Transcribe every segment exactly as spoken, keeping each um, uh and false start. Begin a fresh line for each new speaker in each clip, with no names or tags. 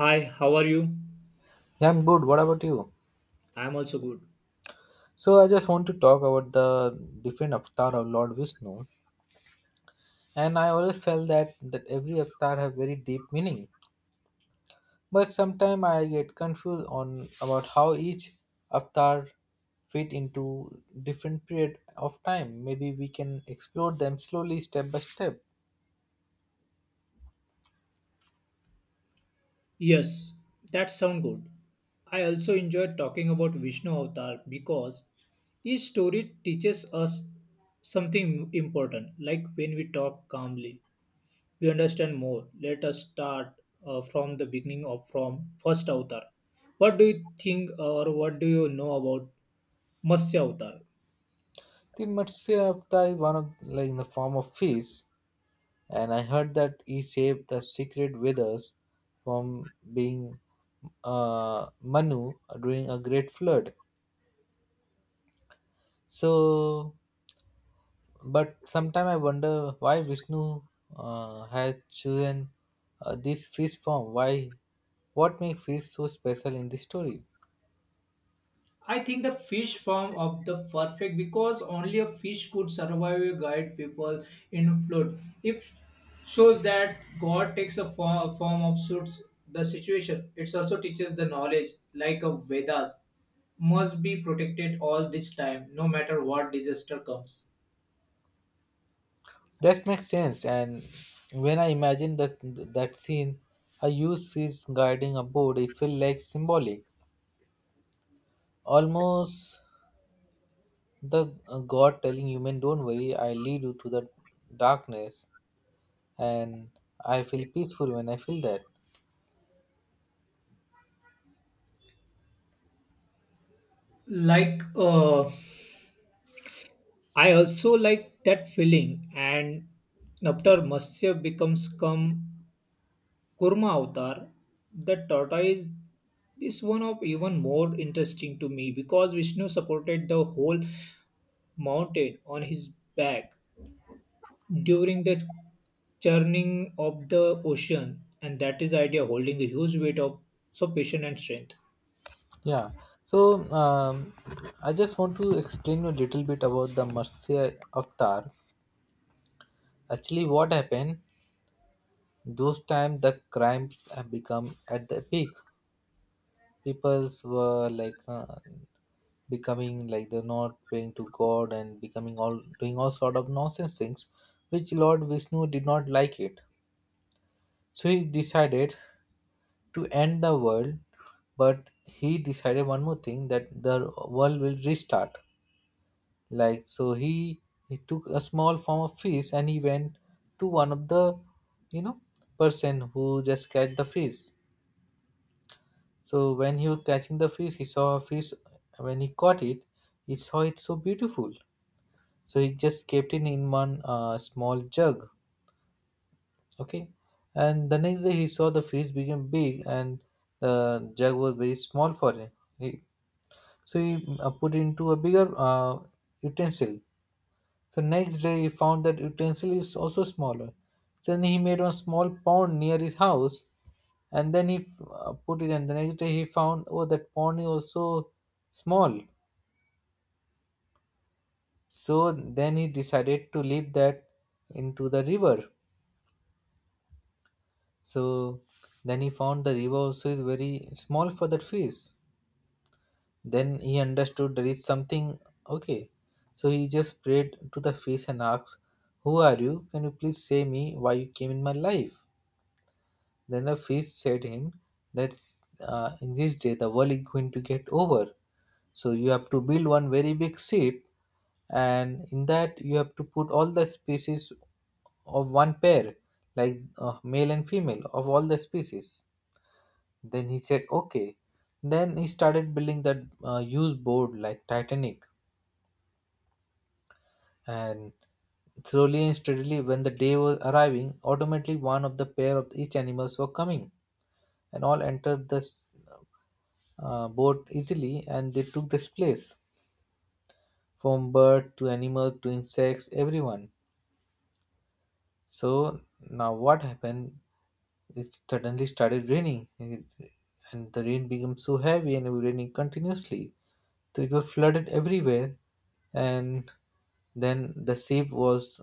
Hi, how are you?
Yeah, I'm good. What about you?
I am also good.
So I just want to talk about the different avatar of Lord Vishnu, and I always felt that that every avatar have very deep meaning. But sometimes I get confused on about how each avatar fit into different period of time. Maybe we can explore them slowly, step by step.
Yes, that sounds good. I also enjoyed talking about Vishnu Avatar because each story teaches us something important. Like when we talk calmly, we understand more. Let us start uh, from the beginning of from first Avatar. What do you think, or what do you know about Matsya Avatar?
The Matsya avatar is one of like in the form of fish. And I heard that he saved the secret with from being uh, Manu during a great flood. So, but sometime I wonder why Vishnu uh, had chosen uh, this fish form. Why? What makes fish so special in this story?
I think the fish farm of the perfect because only a fish could survive a guide people in flood. It shows that God takes a fo- form of suits the situation. It also teaches the knowledge, like a Vedas, must be protected all this time, no matter what disaster comes.
That makes sense. And when I imagine that that scene, a huge fish guiding a boat, it felt like symbolic, almost The uh, God telling human, don't worry, I lead you to the darkness, and I feel peaceful when I feel that.
Like uh, I also like that feeling, and after Masya becomes calm Kurma Avatar, the tortoise, is one of even more interesting to me because Vishnu supported the whole mountain on his back during the churning of the ocean, and that is idea holding the huge weight of so patience and strength.
Yeah. So um, I just want to explain a little bit about the Matsya Avatar. Actually, what happened? Those time the crimes have become at the peak. Peoples were like uh, becoming like they're not praying to God and becoming all doing all sort of nonsense things, which Lord Vishnu did not like it. So he decided to end the world, but he decided one more thing that the world will restart. Like so, he he took a small form of fish and he went to one of the, you know, person who just catch the fish. So when he was catching the fish, he saw a fish. When he caught it, he saw it so beautiful. So he just kept it in one uh, small jug. Okay. And the next day he saw the fish became big and the jug was very small for him. He, so he uh, put it into a bigger uh, utensil. So next day he found that utensil is also smaller. Then he made one small pond near his house and then he uh, put it and the next day he found, oh, that pond is also small. So then he decided to leave that into the river. So then he found the river also is very small for that fish. Then he understood there is something. Okay. So he just prayed to the fish and asked, "Who are you? Can you please say me why you came in my life?" Then the fish said him that uh, in this day the world is going to get over. So you have to build one very big ship and in that you have to put all the species of one pair like uh, male and female of all the species. Then he said, okay. Then he started building that uh, used board like Titanic. And slowly and steadily, when the day was arriving, automatically one of the pair of each animals were coming, and all entered the s- uh, boat easily, and they took this place from bird to animal to insects, everyone. So now what happened? It suddenly started raining. It- and the rain became so heavy and it was raining continuously. So it was flooded everywhere, and then the ship was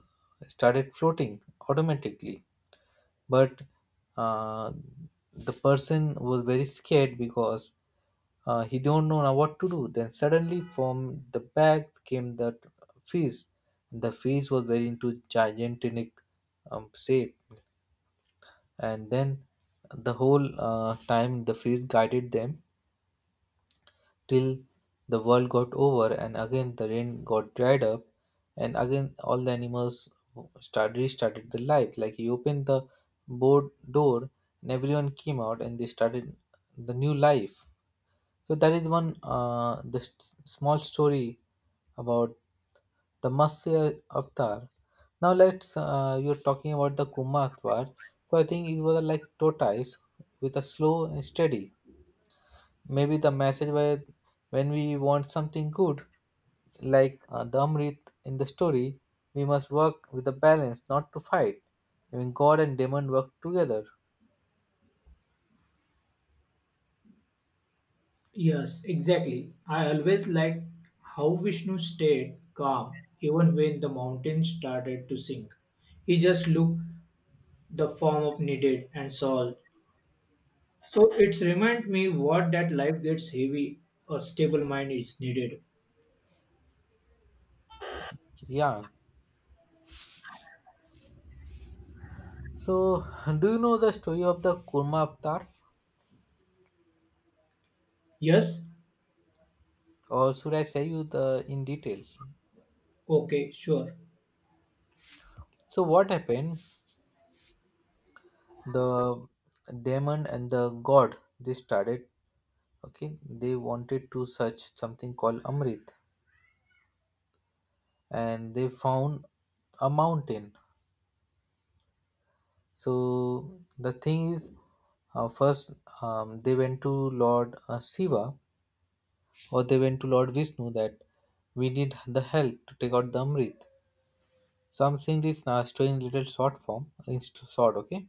started floating automatically, but uh, the person was very scared because uh, he don't know now what to do. Then suddenly from the back came that fish. The fish was very into gigantic um, shape, and then the whole uh, time the fish guided them till the world got over, and again the rain got dried up, and again all the animals started restarted their life. Like he opened the board door, and everyone came out, and they started the new life. So that is one, uh, the s small story about the Matsya Avatar. Now let's uh, you're talking about the Kuma Avatar. So I think it was like tortoise with a slow and steady. Maybe the message where when we want something good, like uh, the Amrit in the story, we must work with a balance, not to fight. Even God and demon work together.
Yes, exactly. I always liked how Vishnu stayed calm even when the mountain started to sink. He just looked the form of needed and solved. So it's remind me what that life gets heavy, a stable mind is needed.
Yeah. So, do you know the story of the Kurma Avatar?
Yes?
Or should I say you the in detail?
Okay, sure.
So what happened? The demon and the god they started. Okay, they wanted to search something called Amrit, and they found a mountain. So the thing is, uh, first um, they went to Lord uh, Shiva or they went to Lord Vishnu that we need the help to take out the Amrit. So I'm saying this uh, story in little short form, in st- short, okay?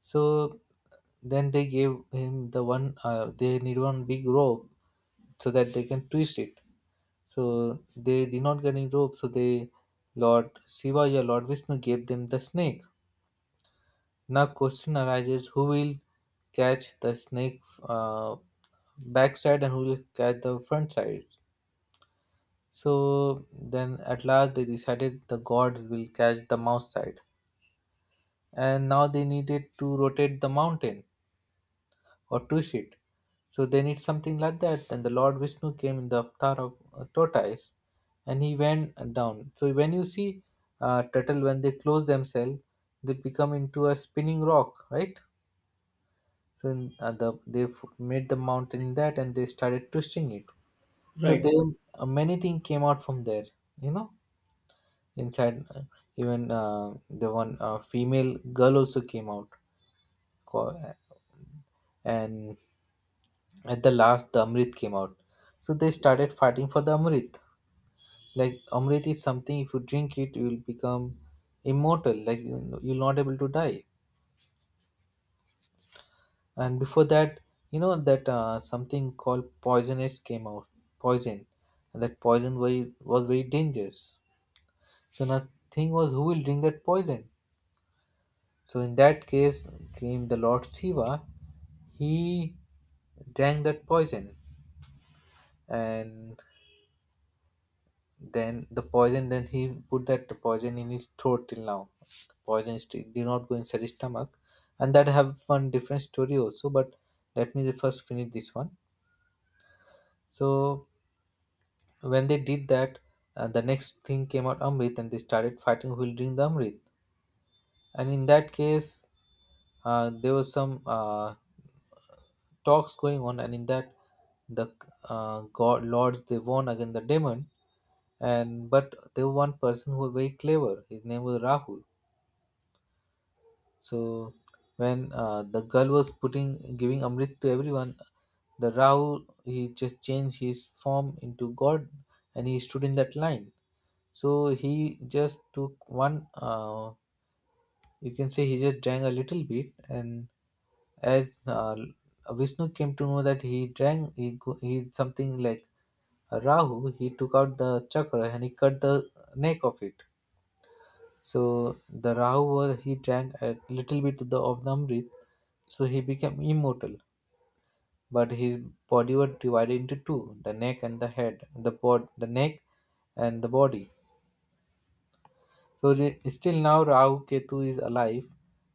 So then they gave him the one, uh, they need one big rope so that they can twist it. So they did not get any rope, so they, Lord Shiva or Lord Vishnu gave them the snake. Now question arises: who will catch the snake uh, backside and who will catch the front side? So then, at last, they decided the god will catch the mouse side, and now they needed to rotate the mountain or twist it. So they need something like that. Then the Lord Vishnu came in the avatar of a tortoise, and he went down. So when you see uh, turtle when they close themselves, they become into a spinning rock, right? So in, uh, the, they f- made the mountain that and they started twisting it. So they
Right.
uh, many things came out from there. You know, inside uh, even uh, the one uh, female girl also came out, Co- uh, and at the last the Amrit came out. So they started fighting for the Amrit. Like Amrit is something if you drink it you will become immortal. Like you- you'll not able to die. And before that you know that uh, something called poisonous came out, poison, and that poison was was very dangerous, so nothing was who will drink that poison. So in that case came the Lord Shiva. He drank that poison, and then the poison then he put that poison in his throat. Till now poison is still did not go inside his stomach, and that have one different story also, but let me first finish this one. So when they did that, uh, the next thing came out Amrit, and they started fighting who will drink the Amrit. And in that case, uh, there was some uh, talks going on, and in that, the uh, god lords they won against the demon. And but there was one person who was very clever. His name was Rahul. So when uh, the girl was putting giving Amrit to everyone, the Rahu he just changed his form into God and he stood in that line. So he just took one. Uh, you can say he just drank a little bit, and as uh, Vishnu came to know that he drank, he go- he something like a Rahu. He took out the chakra and he cut the neck of it. So the Rahu was he drank a little bit of the, of the Amrit, so he became immortal. But his body was divided into two: the neck and the head, the bod, the neck and the body. So the, still now Rahu Ketu is alive,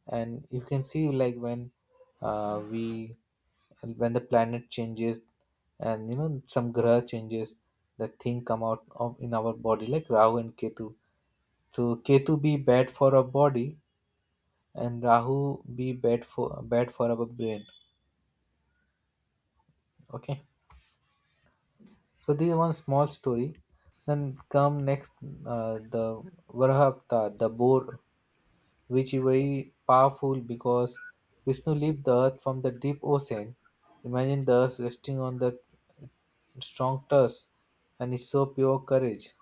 and you can see like when uh, we when the planet changes and you know some graha changes, the thing come out of in our body like Rahu and Ketu. So Ketu be bad for our body and Rahu be bad for bad for our brain. Okay, so this is one small story. Then come next uh, the Varaha Avatar, the boar, which is very powerful because Vishnu lifted the earth from the deep ocean. Imagine the earth resting on the strong tusk, and it's so pure courage.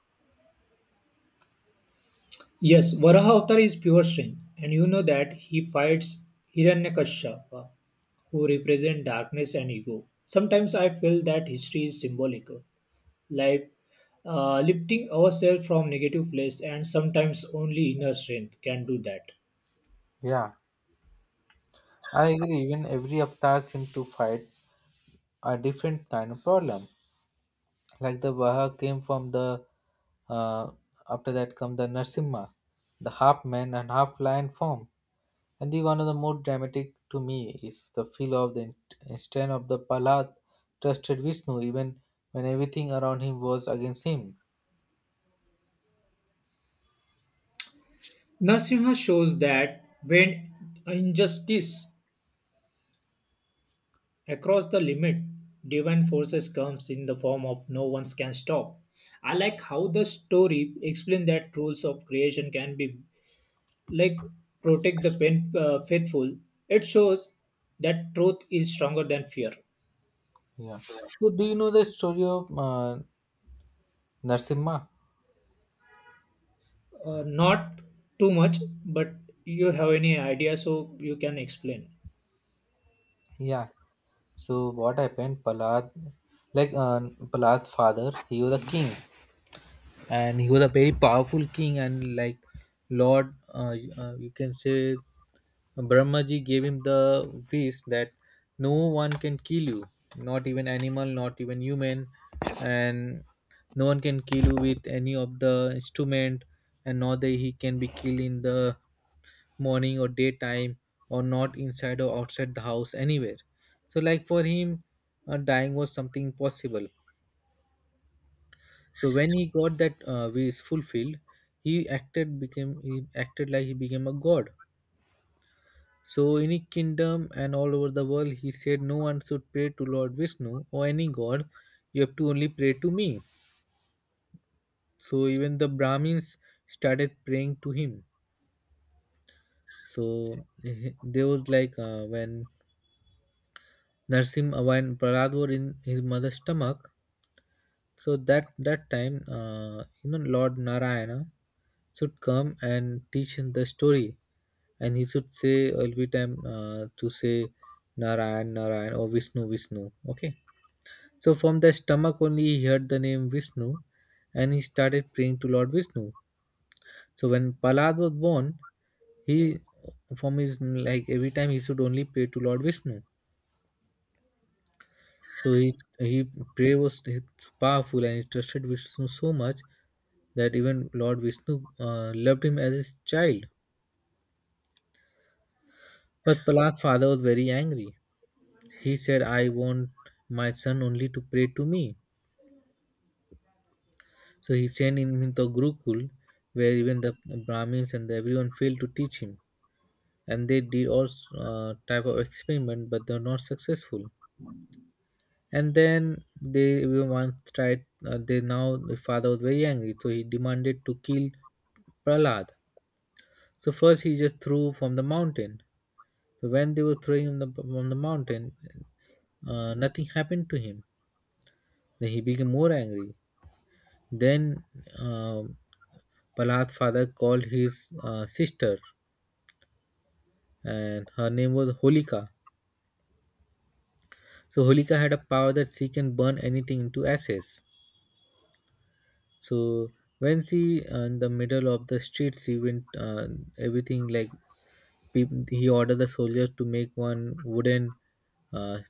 Yes, Varaha Avatar is pure strength, and you know that he fights Hiranyakashyapa, who represent darkness and ego. Sometimes I feel that history is symbolic, like uh, lifting ourselves from negative place, and sometimes only inner strength can do that.
Yeah, I agree. Even every avatar seems to fight a different kind of problem. Like the Vaha came from the. uh, After that come the Narsimha, the half man and half lion form. And the one of the more dramatic to me is the feel of the in- instant of the Palad trusted Vishnu even when everything around him was against him.
Nasimha shows that when injustice across the limit, divine forces comes in the form of no one can stop. I like how the story explained that rules of creation can be like protect the pen, uh, faithful. It shows that truth is stronger than fear.
Yeah. So do you know the story of uh, Narsimha?
Uh, not too much, but you have any idea, so you can explain.
Yeah. So what happened? Palad, like uh, Prahlad's father, he was a king, and he was a very powerful king and like lord uh, uh, you can say Brahmaji gave him the wish that no one can kill you, not even animal, not even human, and no one can kill you with any of the instrument, and not that he can be killed in the morning or daytime, or not inside or outside the house anywhere. So like for him uh, dying was something possible. So when he got that uh, wish fulfilled, he acted became he acted like he became a god. So in his kingdom and all over the world, he said, "No one should pray to Lord Vishnu or any god. You have to only pray to me." So even the Brahmins started praying to him. So eh, there was like uh, when Narsim and Pralad were in his mother's stomach. So that that time, uh, you know, Lord Narayana should come and teach him the story, and he should say every time uh, to say Narayan, Narayan, or Vishnu, Vishnu. Okay. So from the stomach only he heard the name Vishnu, and he started praying to Lord Vishnu. So when Palad was born, he from his like every time he should only pray to Lord Vishnu. So he, he prayer was powerful, and he trusted Vishnu so much that even Lord Vishnu uh, loved him as his child. But Prahlad's father was very angry. He said, I want my son only to pray to me. So he sent him into Gurukul, where even the Brahmins and everyone failed to teach him. And they did all uh, type of experiment, but they were not successful. And then they were once tried, uh, they now the father was very angry, so he demanded to kill Prahlad. So first he just threw from the mountain. So when they were throwing him the, from the mountain, uh, nothing happened to him. Then he became more angry. Then um Prahlad's father called his uh, sister, and her name was Holika. So Holika had a power that she can burn anything into ashes. So when she, uh, in the middle of the street, she went uh, everything like peop- he ordered the soldiers to make one wooden. Uh,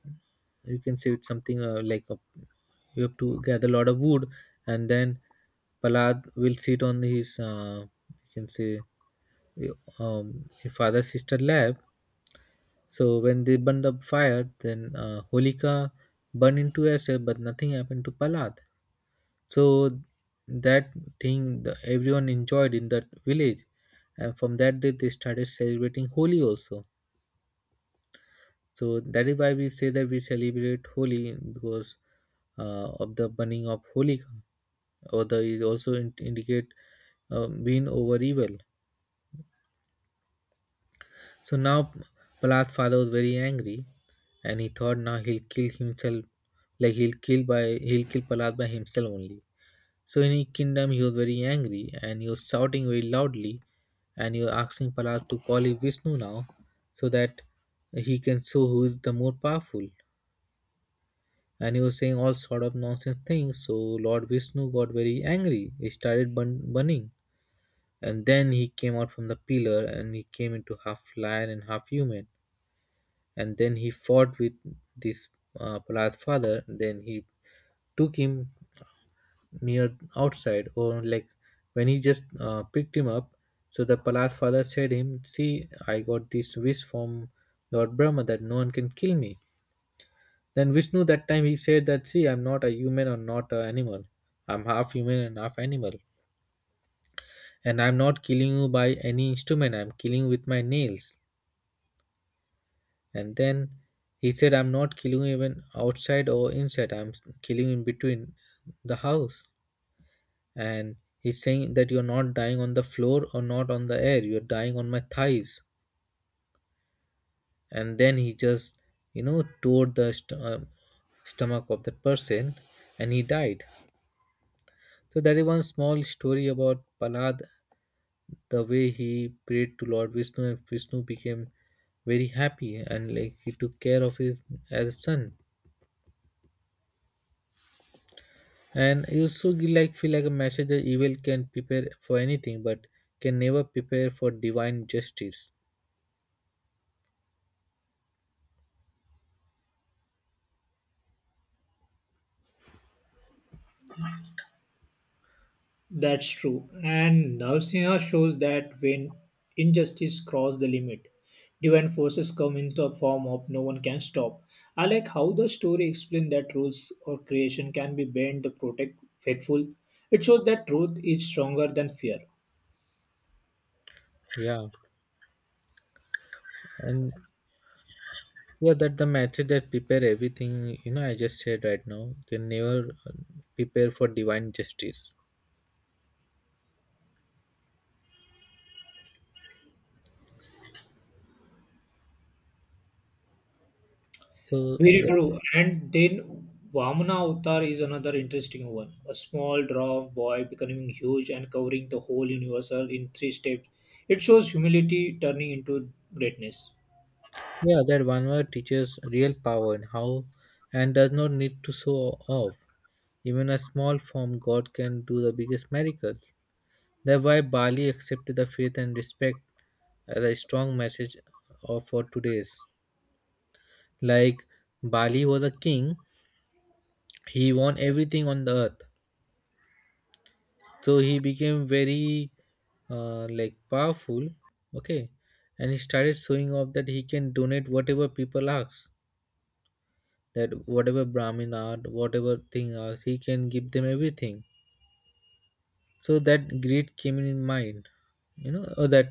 you can say it's something uh, like a, you have to gather a lot of wood, and then Palad will sit on his, uh, you can say, eh, um, his father sister lap. So when they burn the fire, then uh, Holika burned into herself, but nothing happened to Palad. So that thing the, everyone enjoyed in that village, and from that day they started celebrating Holi also. So that is why we say that we celebrate Holi because uh, of the burning of Holika, or the is also in, indicate uh, win over evil. So now Prahlad's father was very angry, and he thought now he'll kill himself, like he'll kill by he'll kill Prahlad by himself only. So in his kingdom, he was very angry and he was shouting very loudly, and he was asking Prahlad to call him Vishnu now, so that he can show who is the more powerful. And he was saying all sort of nonsense things. So Lord Vishnu got very angry. He started bun- burning, and then he came out from the pillar and he came into half lion and half human. And then he fought with this, uh, Prahlad's father. Then he took him near outside, or like when he just uh, picked him up, so the palace father said him, see, I got this wish from Lord Brahma that no one can kill me. Then Vishnu that time he said that, see, I'm not a human or not an animal, I'm half human and half animal, and I'm not killing you by any instrument, I'm killing you with my nails. And then he said, I'm not killing you even outside or inside, I'm killing in between the house. And he's saying that you're not dying on the floor or not on the air, you're dying on my thighs. And then he just, you know, tore the st- uh, stomach of the person, and he died. So that is one small story about Palad, the way he prayed to Lord Vishnu, and Vishnu became very happy and like he took care of him as a son. And you also gi- like feel like a message that evil can prepare for anything, but can never prepare for divine justice.
That's true. And Narasimha shows that when injustice crosses the limit, divine forces come into a form of no one can stop. I like how the story explains that rules or creation can be bent to protect faithful. It shows that truth is stronger than fear.
Yeah, and yeah, that the method that prepare everything, you know, I just said right now, can never uh, prepare for divine justice. So,
Very
the,
true. And then Vamana Avatar is another interesting one. A small dwarf boy becoming huge and covering the whole universe in three steps. It shows humility turning into greatness.
yeah, that one word teaches real power and how, and does not need to show off. Even a small form, God can do the biggest miracles. That's why Bali accepted the faith and respect as a strong message of for today's. Like Bali was a king, he won everything on the earth, so he became very uh, like powerful. Okay, and he started showing off that he can donate whatever people ask, that whatever Brahmin art whatever thing ask, he can give them everything. So that greed came in his mind, you know, or that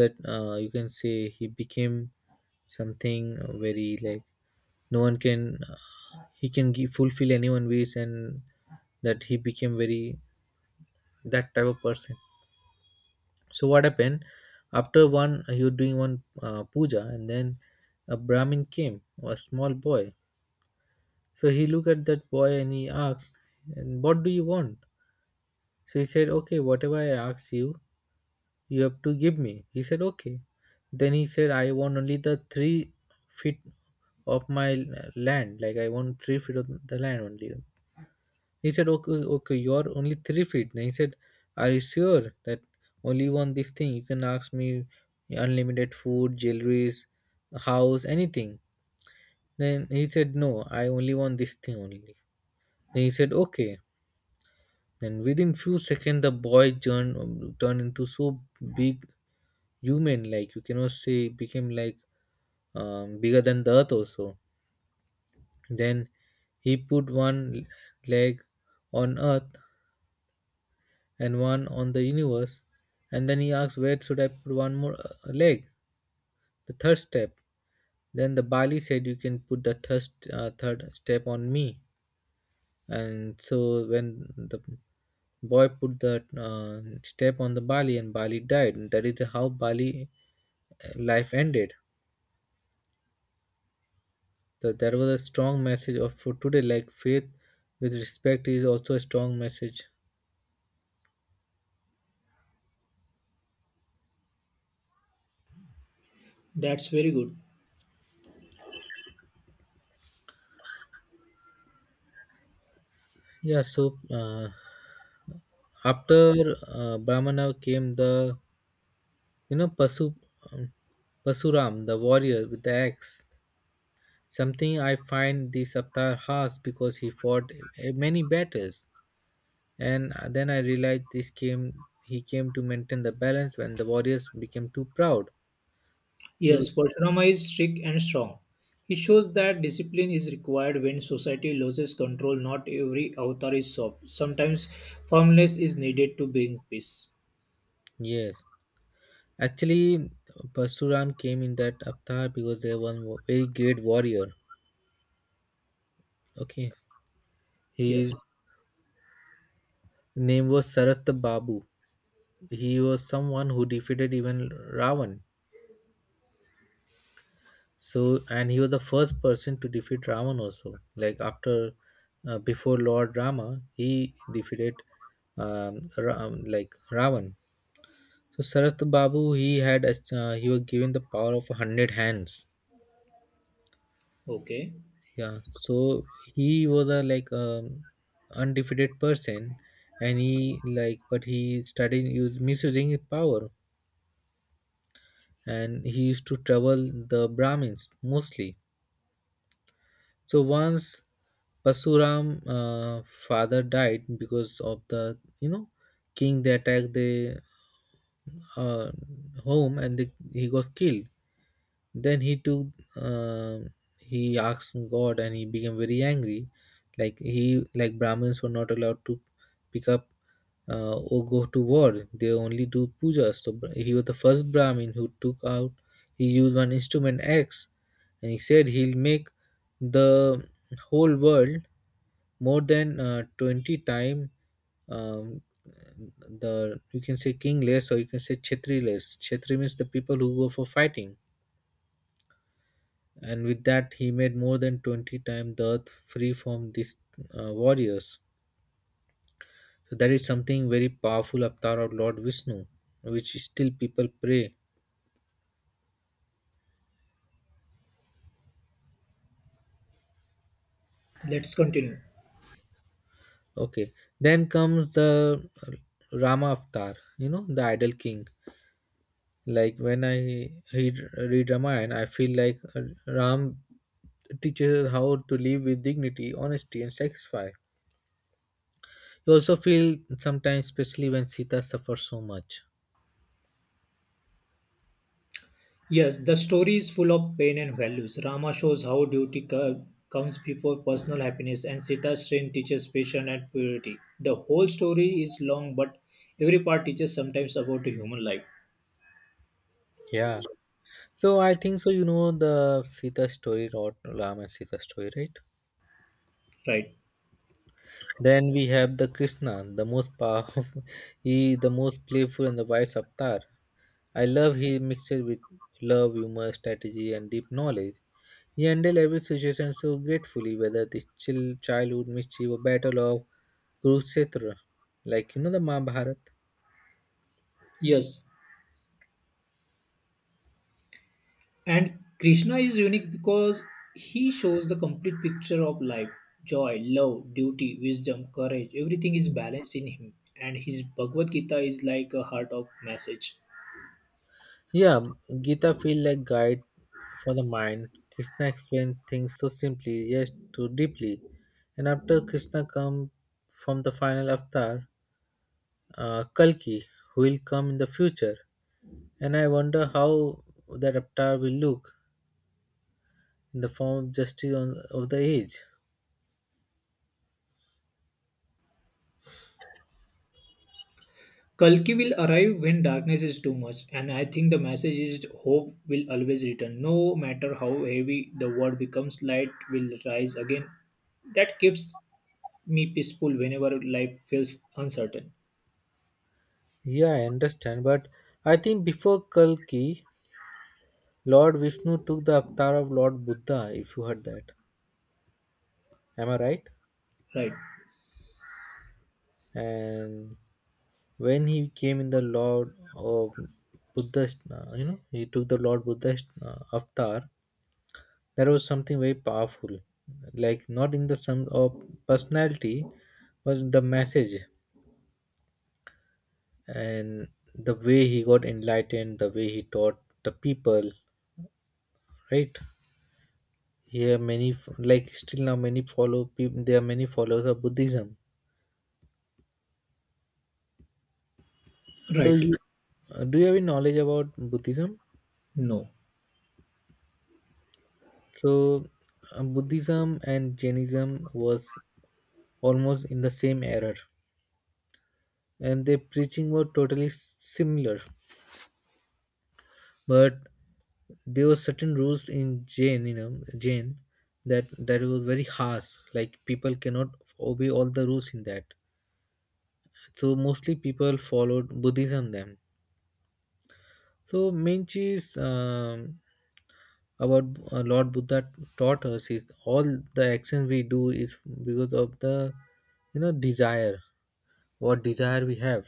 that uh, you can say he became something very like no one can, he can give, fulfill anyone wish, and that he became very that type of person. So what happened, after one he was doing one uh, puja, and then a Brahmin came, a small boy. So he looked at that boy and he asked, "And what do you want?" So he said, "Okay, whatever I ask you, you have to give me." He said, "Okay." Then he said, "I want only the three feet of my land. Like I want three feet of the land only." He said, okay, okay, you're only three feet. And he said, are you sure that only you want this thing? You can ask me unlimited food, jewelries, house, anything. Then he said, no, I only want this thing only. Then he said, okay. Then within few seconds, the boy turned, turned into so big human, like you cannot say, became like um, bigger than the earth also. Then he put one leg on earth and one on the universe. And then he asked, where should I put one more uh, leg? The third step. Then the Bali said, you can put the third, uh, third step on me. And so when the boy put the uh, step on the Bali, and Bali died. And that is how Bali uh, life ended. So there was a strong message of for today, like faith with respect is also a strong message.
That's very good.
Yeah. So uh, after uh, Brahmana came the, you know, Pasu, um, Pasuram, the warrior with the axe, something I find this avatar has because he fought eh, many battles. And uh, then I realized this came he came to maintain the balance when the warriors became too proud. To
Yes, Parshurama is strict and strong. He shows that discipline is required when society loses control. Not every avatar is soft. Sometimes firmness is needed to bring peace.
yes, actually, Pasuram came in that avatar because they were one very great warrior. Okay,
Yes.
his name was Sarat Babu. He was someone who defeated even Ravan. So, and he was the first person to defeat Ravan also. Like after, uh, before Lord Rama, he defeated, um, Ra- um, like Ravan. So Saraswat Babu, he had, a- uh, he was given the power of a hundred hands.
Okay.
Yeah. So he was a like um, undefeated person, and he like, but he started use, misusing his power, and he used to trouble the Brahmins mostly. So once Pasuram uh, father died because of the, you know, king they attacked the uh, home, and they, he got killed. Then he took, uh, he asked God, and he became very angry. Like he, like Brahmins were not allowed to pick up uh, or go to war. They only do puja. So Bra- he was the first Brahmin who took out. He used one instrument axe, and he said he'll make the whole world more than uh, twenty time um, the, you can say, kingless, or you can say kshetri less. Kshetri means the people who go for fighting, and with that he made more than twenty times the earth free from these uh, warriors. So that is something very powerful avatar of Lord Vishnu, which still people pray.
Let's continue.
Okay, then comes the uh, Rama avatar, you know, the idol king. Like when I read, read Ramayana, I feel like uh, Ram teaches us how to live with dignity, honesty, and sacrifice. You also feel sometimes, especially when Sita suffers so much.
Yes, the story is full of pain and values. Rama shows how duty co- comes before personal happiness, and Sita's strength teaches patience and purity. The whole story is long, but every part teaches sometimes about the human life.
Yeah. So I think so. You know the Sita story, Rod Ram and Sita story, right?
Right.
Then we have the Krishna, the most powerful, he the most playful and the wise avatar. I love he mixes with love, humor, strategy, and deep knowledge. He handled every situation so gratefully, whether this chill childhood mischief or battle of Kurukshetra, like you know, the Mahabharata.
Yes. And Krishna is unique because he shows the complete picture of life: joy, love, duty, wisdom, courage. Everything is balanced in him. And his Bhagavad Gita is like a heart of message.
Yeah, Gita feel like guide for the mind. Krishna explained things so simply, yet too deeply. And after Krishna come from the final avatar, uh, Kalki, who will come in the future. And I wonder how that avatar will look in the form of justice on, of the age.
Kalki will arrive when darkness is too much, and I think the message is hope will always return. No matter how heavy the world becomes, light will rise again. That keeps me peaceful whenever life feels uncertain.
Yeah, I understand, but I think before Kalki, Lord Vishnu took the avatar of Lord Buddha, if you heard that. Am I right?
Right.
And when he came in the Lord of Buddha's, uh, you know, he took the Lord Buddha's uh, avatar. There was something very powerful, like not in the terms of personality, but the message and the way he got enlightened, the way he taught the people. Right here, many like still now many follow people. There are many followers of Buddhism. So
Right.
you uh, do you have any knowledge about Buddhism?
No.
So, uh, Buddhism and Jainism was almost in the same era, and their preaching were totally similar, but there were certain rules in Jain, you know, Jain, that that was very harsh, like people cannot obey all the rules in that. So mostly people followed Buddhism then. So main cheese, um, about uh, Lord Buddha taught us is all the action we do is because of the, you know, desire, what desire we have.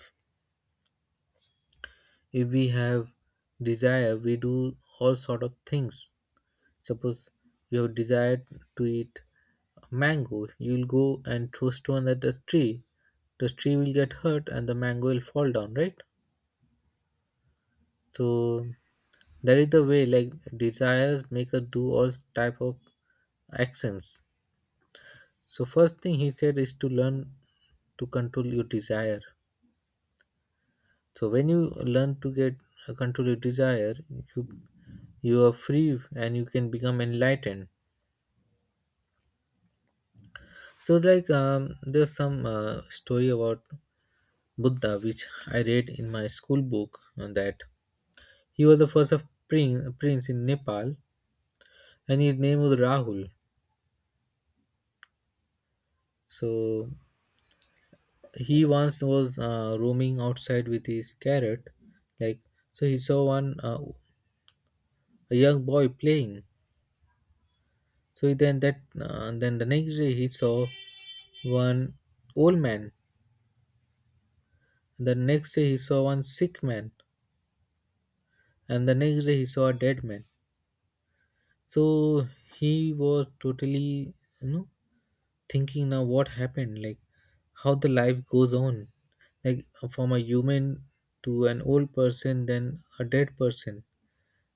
If we have desire, we do all sort of things. Suppose you have desire to eat mango, you'll go and throw stone at the tree. The tree will get hurt and the mango will fall down, right? So that is the way, like desires make us do all type of actions. So first thing he said is to learn to control your desire. So when you learn to get uh, control your desire, you you are free and you can become enlightened. So like um, there's some uh, story about Buddha which I read in my school book, uh, that he was the first of prince, prince in Nepal, and his name was Rahul. So he once was uh, roaming outside with his carrot, like, so he saw one uh, a young boy playing. So then that uh, then the next day he saw one old man. The next day he saw one sick man, and the next day he saw a dead man. So he was totally, you know, thinking now what happened, like how the life goes on, like from a human to an old person then a dead person.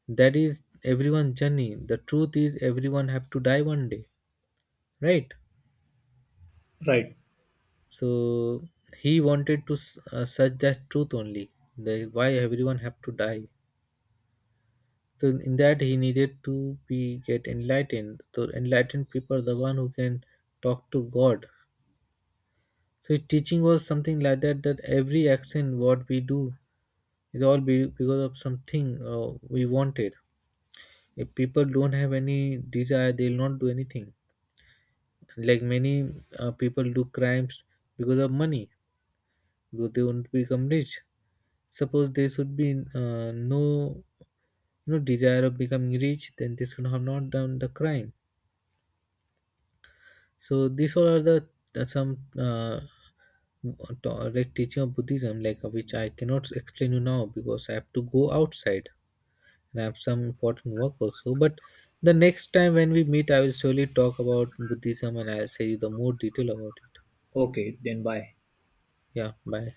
That is everyone's journey, the truth is everyone have to die one day, right?
Right.
So he wanted to s- uh, search that truth only, the, why everyone have to die. So in that he needed to be get enlightened. So enlightened people are the one who can talk to God. So it- teaching was something like that, that every action what we do is all be, because of something uh, we wanted. If people don't have any desire, they'll not do anything. Like many uh, people do crimes because of money, because they want to become rich. Suppose there should be uh, no, you know, desire of becoming rich, then they should have not done the crime. So these all are the uh, some uh, to- like teaching of Buddhism, like uh, which I cannot explain you now because I have to go outside and I have some important work also. But the next time when we meet, I will surely talk about Buddhism and I'll say you the more detail about it.
Okay, then bye.
Yeah, bye.